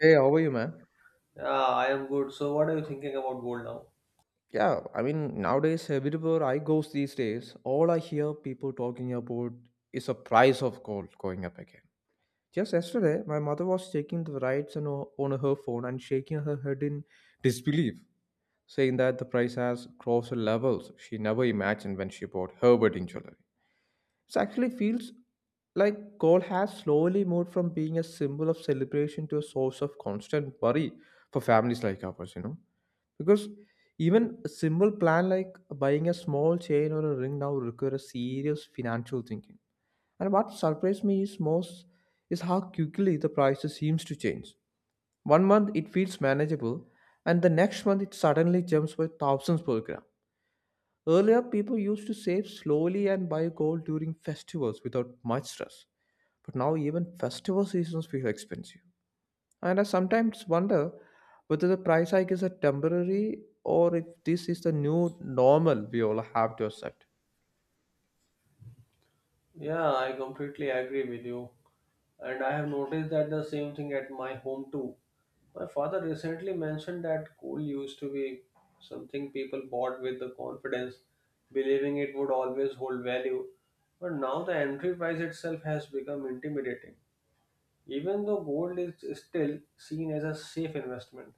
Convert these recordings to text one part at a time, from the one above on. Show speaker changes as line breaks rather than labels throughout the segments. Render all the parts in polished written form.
Hey, how are you, man?
Yeah, I am good. So, what are you thinking about gold now?
Nowadays, everywhere I goes these days, all I hear people talking about is the price of gold going up again. Just yesterday, my mother was checking the rights on on her phone and shaking her head in disbelief, saying that the price has crossed levels she never imagined when she bought her wedding jewelry. It actually feels like gold has slowly moved from being a symbol of celebration to a source of constant worry for families like ours, Because even a simple plan like buying a small chain or a ring now requires serious financial thinking. And what surprised me is most is how quickly the prices seems to change. One month it feels manageable, and the next month it suddenly jumps by thousands per gram. Earlier, people used to save slowly and buy gold during festivals without much stress. But now even festival seasons feel expensive. And I sometimes wonder whether the price hike is a temporary or if this is the new normal we all have to accept.
Yeah, I completely agree with you. And I have noticed that the same thing at my home too. My father recently mentioned that gold used to be something people bought with the confidence, believing it would always hold value. But now the entry price itself has become intimidating. Even though gold is still seen as a safe investment,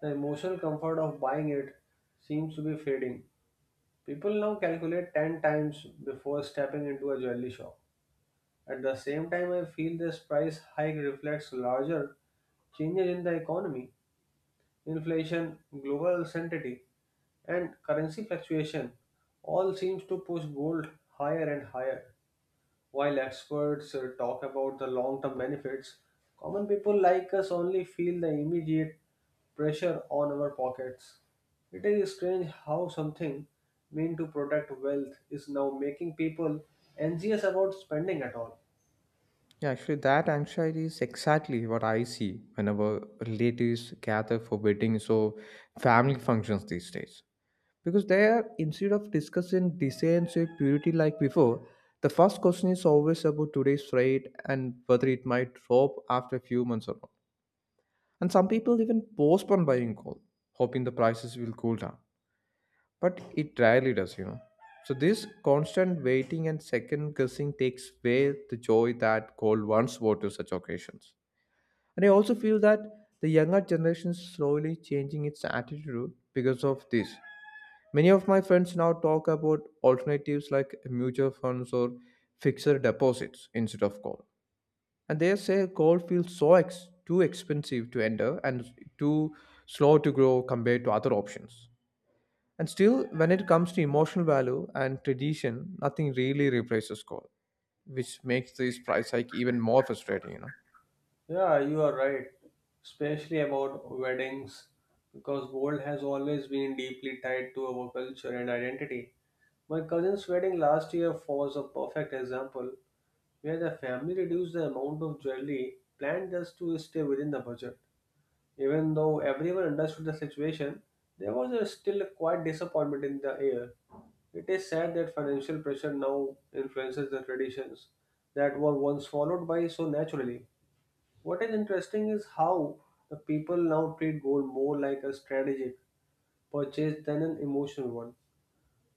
the emotional comfort of buying it seems to be fading. People now calculate 10 times before stepping into a jewelry shop. At the same time, I feel this price hike reflects larger changes in the economy, inflation, global uncertainty, and currency fluctuation all seems to push gold higher and higher. While experts talk about the long term benefits, common people like us only feel the immediate pressure on our pockets. It is strange how something meant to protect wealth is now making people anxious about spending at all.
Yeah, actually, that anxiety is exactly what I see whenever relatives gather for weddings or family functions these days. Because they are, instead of discussing designs or purity like before, the first question is always about today's rate and whether it might drop after a few months or not. And some people even postpone buying gold, hoping the prices will cool down, but it rarely does. So this constant waiting and second guessing takes away the joy that gold once brought to such occasions. And I also feel that the younger generation is slowly changing its attitude because of this. Many of my friends now talk about alternatives like mutual funds or fixed deposits instead of gold. And they say gold feels too expensive to enter and too slow to grow compared to other options, and still, when it comes to emotional value and tradition, nothing really replaces gold, which makes this price hike even more frustrating,
Yeah, you are right, especially about weddings, because gold has always been deeply tied to our culture and identity. My cousin's wedding last year was a perfect example where the family reduced the amount of jewelry planned just to stay within the budget. Even though everyone understood the situation, there was a still quite disappointment in the air. It is sad that financial pressure now influences the traditions that were once followed by so naturally. What is interesting is how the people now treat gold more like a strategic purchase than an emotional one.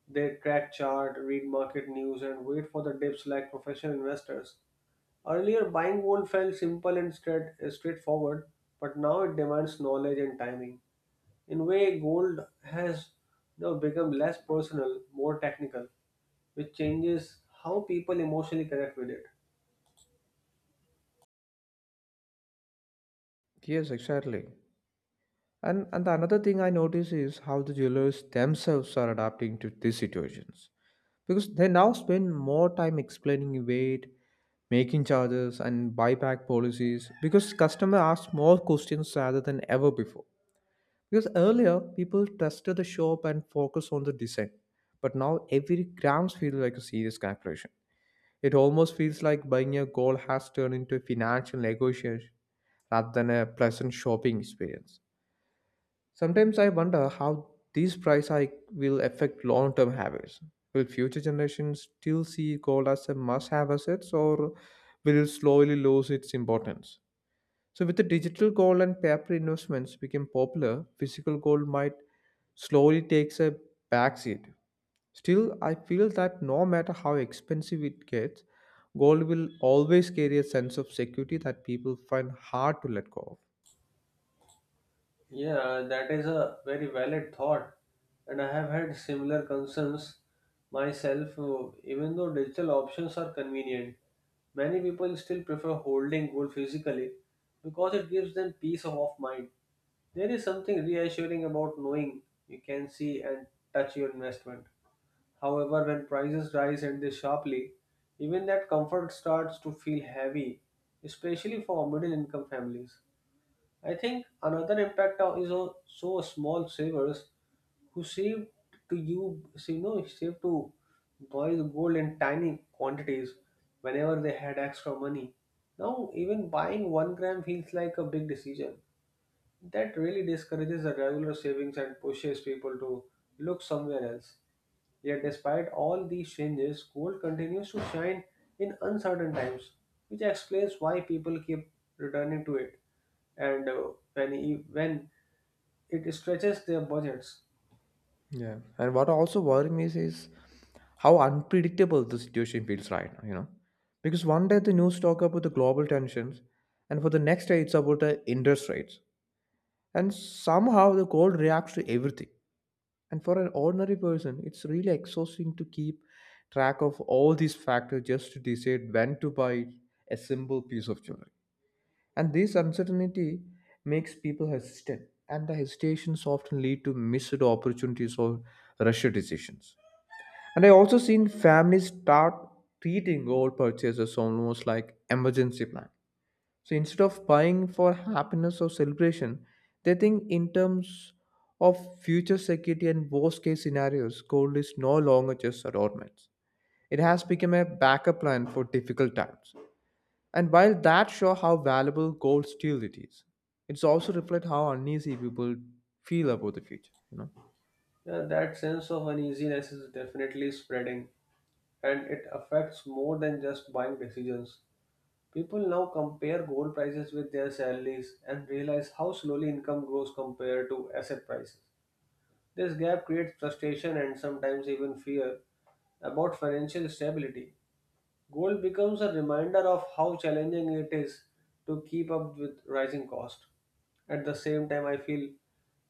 They track chart, read market news, and wait for the dips like professional investors. Earlier, buying gold felt simple and straightforward, but now it demands knowledge and timing. In a way, gold has now become less personal, more technical, which changes how people emotionally connect with it.
Yes, exactly. And the another thing I notice is how the jewelers themselves are adapting to these situations. Because they now spend more time explaining weight, making charges and buyback policies because customer asks more questions rather than ever before. Because earlier people trusted the shop and focused on the design, but now every grams feels like a serious calculation. It almost feels like buying a gold has turned into a financial negotiation rather than a pleasant shopping experience. Sometimes I wonder how these price hike will affect long-term habits. Will future generations still see gold as a must-have asset, or will it slowly lose its importance? So, with the digital gold and paper investments became popular, physical gold might slowly takes a backseat. Still, I feel that no matter how expensive it gets, gold will always carry a sense of security that people find hard to let go
Yeah, that is a very valid thought, and I have had similar concerns myself. Even though digital options are convenient, many people still prefer holding gold physically because it gives them peace of mind. There is something reassuring about knowing you can see and touch your investment. However, when prices rise and they sharply, even that comfort starts to feel heavy, especially for middle income families. I think another impact is also small savers who save to you, you know, save to buy the gold in tiny quantities whenever they had extra money. Now, even buying 1 gram feels like a big decision that really discourages the regular savings and pushes people to look somewhere else. Yet, despite all these changes, gold continues to shine in uncertain times, which explains why people keep returning to it. And when it stretches their budgets,
of. Yeah, and what also worries me is how unpredictable the situation feels right now. Because one day the news talk about the global tensions, and for the next day it's about the interest rates, and somehow the gold reacts to everything. And for an ordinary person, it's really exhausting to keep track of all these factors just to decide when to buy a simple piece of jewelry. And this uncertainty makes people hesitant, and the hesitations often lead to missed opportunities or rushed decisions. And I also seen families start treating gold purchases almost like emergency plan, so instead of buying for happiness or celebration, they think in terms of future security and worst case scenarios. Gold is no longer just adornments. It has become a backup plan for difficult times. And while that shows how valuable gold still it is, it's also reflect how uneasy people feel about the future.
that sense of uneasiness is definitely spreading, and it affects more than just buying decisions. People now compare gold prices with their salaries and realize how slowly income grows compared to asset prices. This gap creates frustration and sometimes even fear about financial stability. Gold becomes a reminder of how challenging it is to keep up with rising cost. At the same time, I feel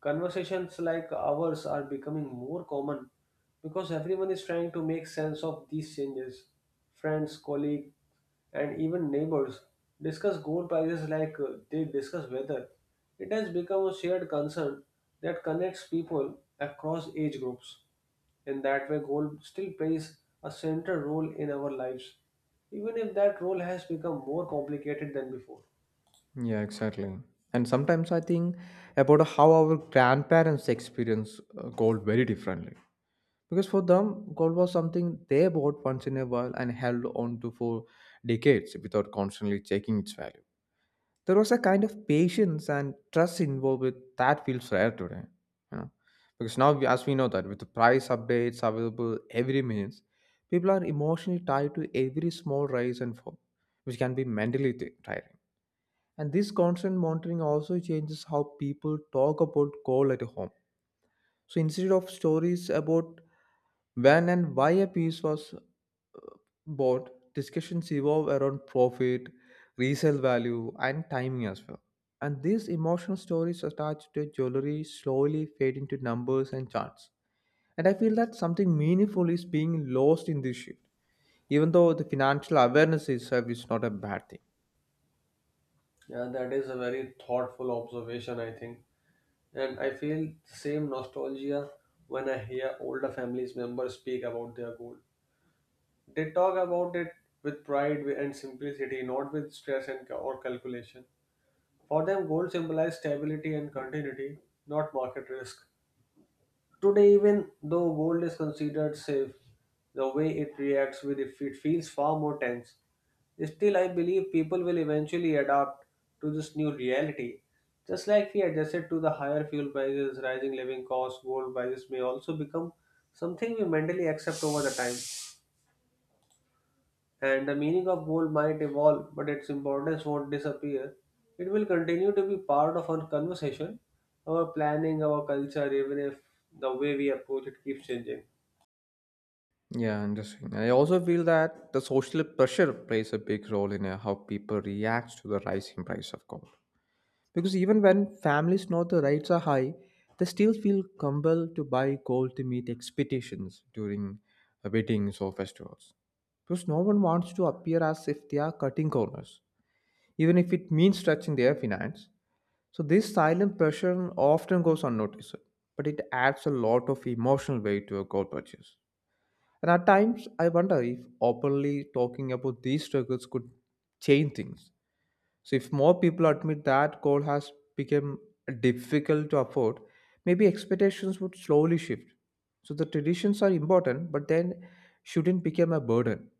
conversations like ours are becoming more common because everyone is trying to make sense of these changes. Friends, colleagues, and even neighbors discuss gold prices like they discuss weather. It has become a shared concern that connects people across age groups. In that way, goal still plays a central role in our lives, even if that role has become more complicated than before.
Yeah, exactly. And sometimes I think about how our grandparents experience gold very differently. Because for them, gold was something they bought once in a while and held on to for decades without constantly checking its value. There was a kind of patience and trust involved with that feels rare today. You know? Because now, as we know that with the price updates available every minute, people are emotionally tied to every small rise and fall, which can be mentally tiring. And this constant monitoring also changes how people talk about gold at home. So instead of stories about when and why a piece was bought, discussions evolve around profit, resale value, and timing as well. And these emotional stories attached to jewelry slowly fade into numbers and charts. And I feel that something meaningful is being lost in this shift, even though the financial awareness itself is not a bad thing.
Yeah, that is a very thoughtful observation, I think. And I feel the same nostalgia when I hear older families members speak about their goal. They talk about it with pride and simplicity, not with stress and or calculation. For them, gold symbolize stability and continuity, not market risk. Today, even though gold is considered safe, the way it reacts with it, it feels far more tense. Still, I believe people will eventually adapt to this new reality. Just like we adjusted to the higher fuel prices, rising living costs, gold prices may also become something we mentally accept over the time. And the meaning of gold might evolve, but its importance won't disappear. It will continue to be part of our conversation, our planning, our culture, even if the way we approach it keeps changing.
Yeah, interesting. I also feel that the social pressure plays a big role in how people react to the rising price of gold. Because even when families know the rates are high, they still feel compelled to buy gold to meet expectations during weddings or festivals. Because no one wants to appear as if they are cutting corners, even if it means stretching their finance. So this silent pressure often goes unnoticed, but it adds a lot of emotional weight to a gold purchase. And at times, I wonder if openly talking about these struggles could change things. So if more people admit that coal has become difficult to afford, maybe expectations would slowly shift. So the traditions are important, but then shouldn't become a burden.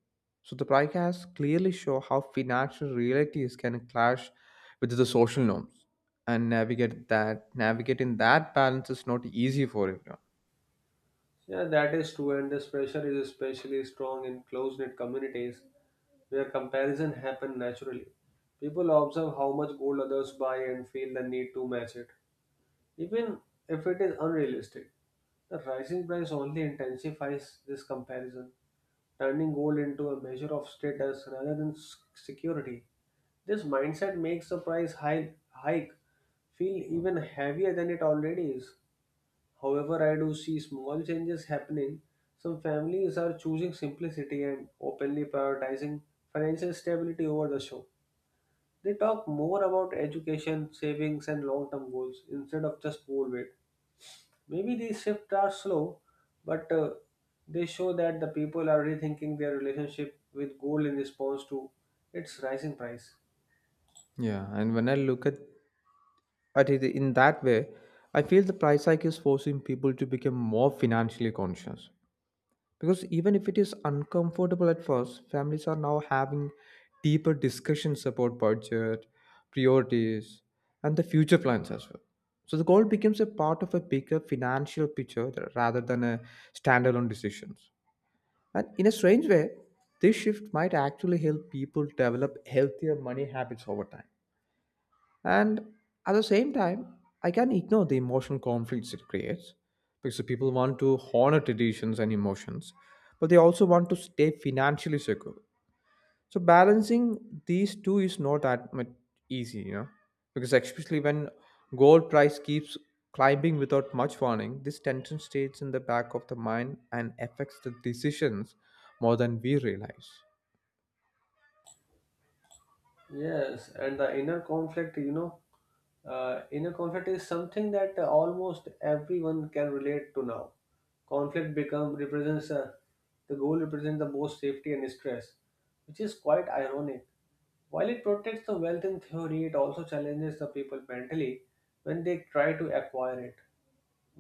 So the podcast clearly show how financial realities can clash with the social norms, and navigate that navigating that balance is not easy for everyone.
Yeah, that is true, and this pressure is especially strong in close-knit communities where comparison happens naturally. People observe how much gold others buy and feel the need to match it, even if it is unrealistic. The rising price only intensifies this comparison, turning gold into a measure of status rather than security. This mindset makes the price hike feel even heavier than it already is. However, I do see small changes happening. Some families are choosing simplicity and openly prioritizing financial stability over the show. They talk more about education, savings, and long term goals instead of just goal weight. Maybe these shifts are slow, but they show that the people are rethinking their relationship with gold in response to its rising price.
Yeah, and when I look at it in that way, I feel the price hike is forcing people to become more financially conscious. Because even if it is uncomfortable at first, families are now having deeper discussions about budget, priorities, and the future plans as well. So the goal becomes a part of a bigger financial picture rather than a standalone decisions. And in a strange way, this shift might actually help people develop healthier money habits over time. And at the same time, I can ignore the emotional conflicts it creates, because the people want to honor traditions and emotions, but they also want to stay financially secure. So balancing these two is not that much easy, because especially when gold price keeps climbing without much warning, this tension stays in the back of the mind and affects the decisions more than we realize.
Yes, and the inner inner conflict is something that almost everyone can relate to now. Conflict become represents the goal represents the most safety and stress, which is quite ironic. While it protects the wealth in theory, it also challenges the people mentally when they try to acquire it.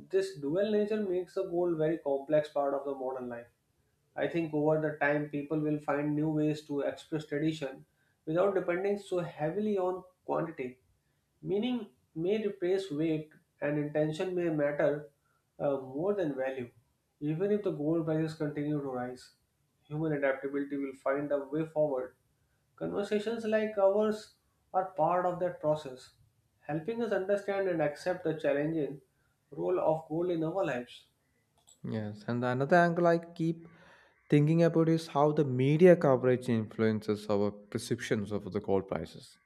This dual nature makes the goal very complex part of the modern life. I think over the time, people will find new ways to express tradition without depending so heavily on quantity. Meaning may replace weight, and intention may matter more than value. Even if the gold prices continue to rise, human adaptability will find a way forward. Conversations like ours are part of that process, helping us understand and accept the challenging role of gold in our lives.
Yes, and another angle I keep thinking about is how the media coverage influences our perceptions of the gold prices.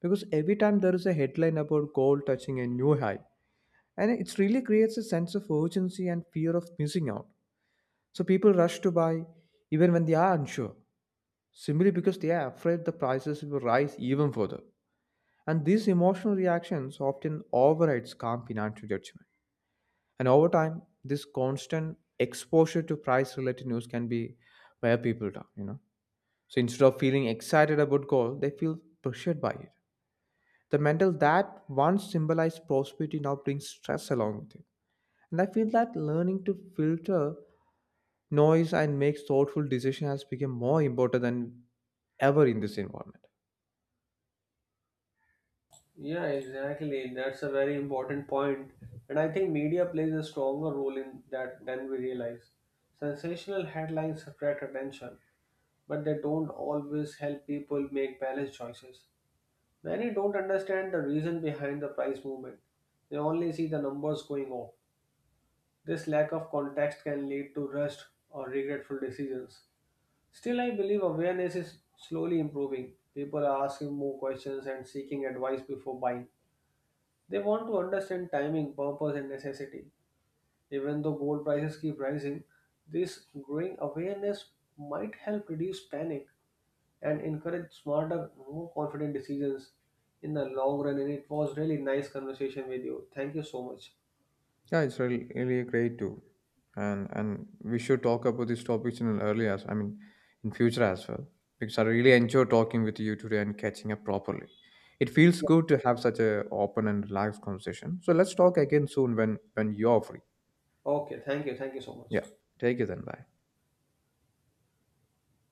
Because every time there is a headline about gold touching a new high, and it really creates a sense of urgency and fear of missing out. So people rush to buy even when they are unsure, simply because they are afraid the prices will rise even further. And these emotional reactions often overrides calm financial judgment. And over time, this constant exposure to price related news can be wear people down. So instead of feeling excited about gold, they feel pressured by it. The mental that once symbolized prosperity now brings stress along with it. And I feel that learning to filter noise and make thoughtful decisions has become more important than ever in this environment.
Yeah, exactly. That's a very important point. And I think media plays a stronger role in that than we realize. Sensational headlines attract attention, but they don't always help people make balanced choices. Many don't understand the reason behind the price movement. They only see the numbers going up. This lack of context can lead to rushed or regretful decisions. Still, I believe awareness is slowly improving. People are asking more questions and seeking advice before buying. They want to understand timing, purpose, and necessity. Even though gold prices keep rising, this growing awareness might help reduce panic and encourage smarter, more confident decisions in the long run. And it was really nice conversation with you. Thank you so much.
Yeah, it's really, really great too, and we should talk about these topics in an early as in future as well. Because I really enjoy talking with you today and catching up properly. It feels good to have such a open and relaxed conversation. So let's talk again soon when you're free.
Okay, thank you so much.
Yeah, take it then. Bye.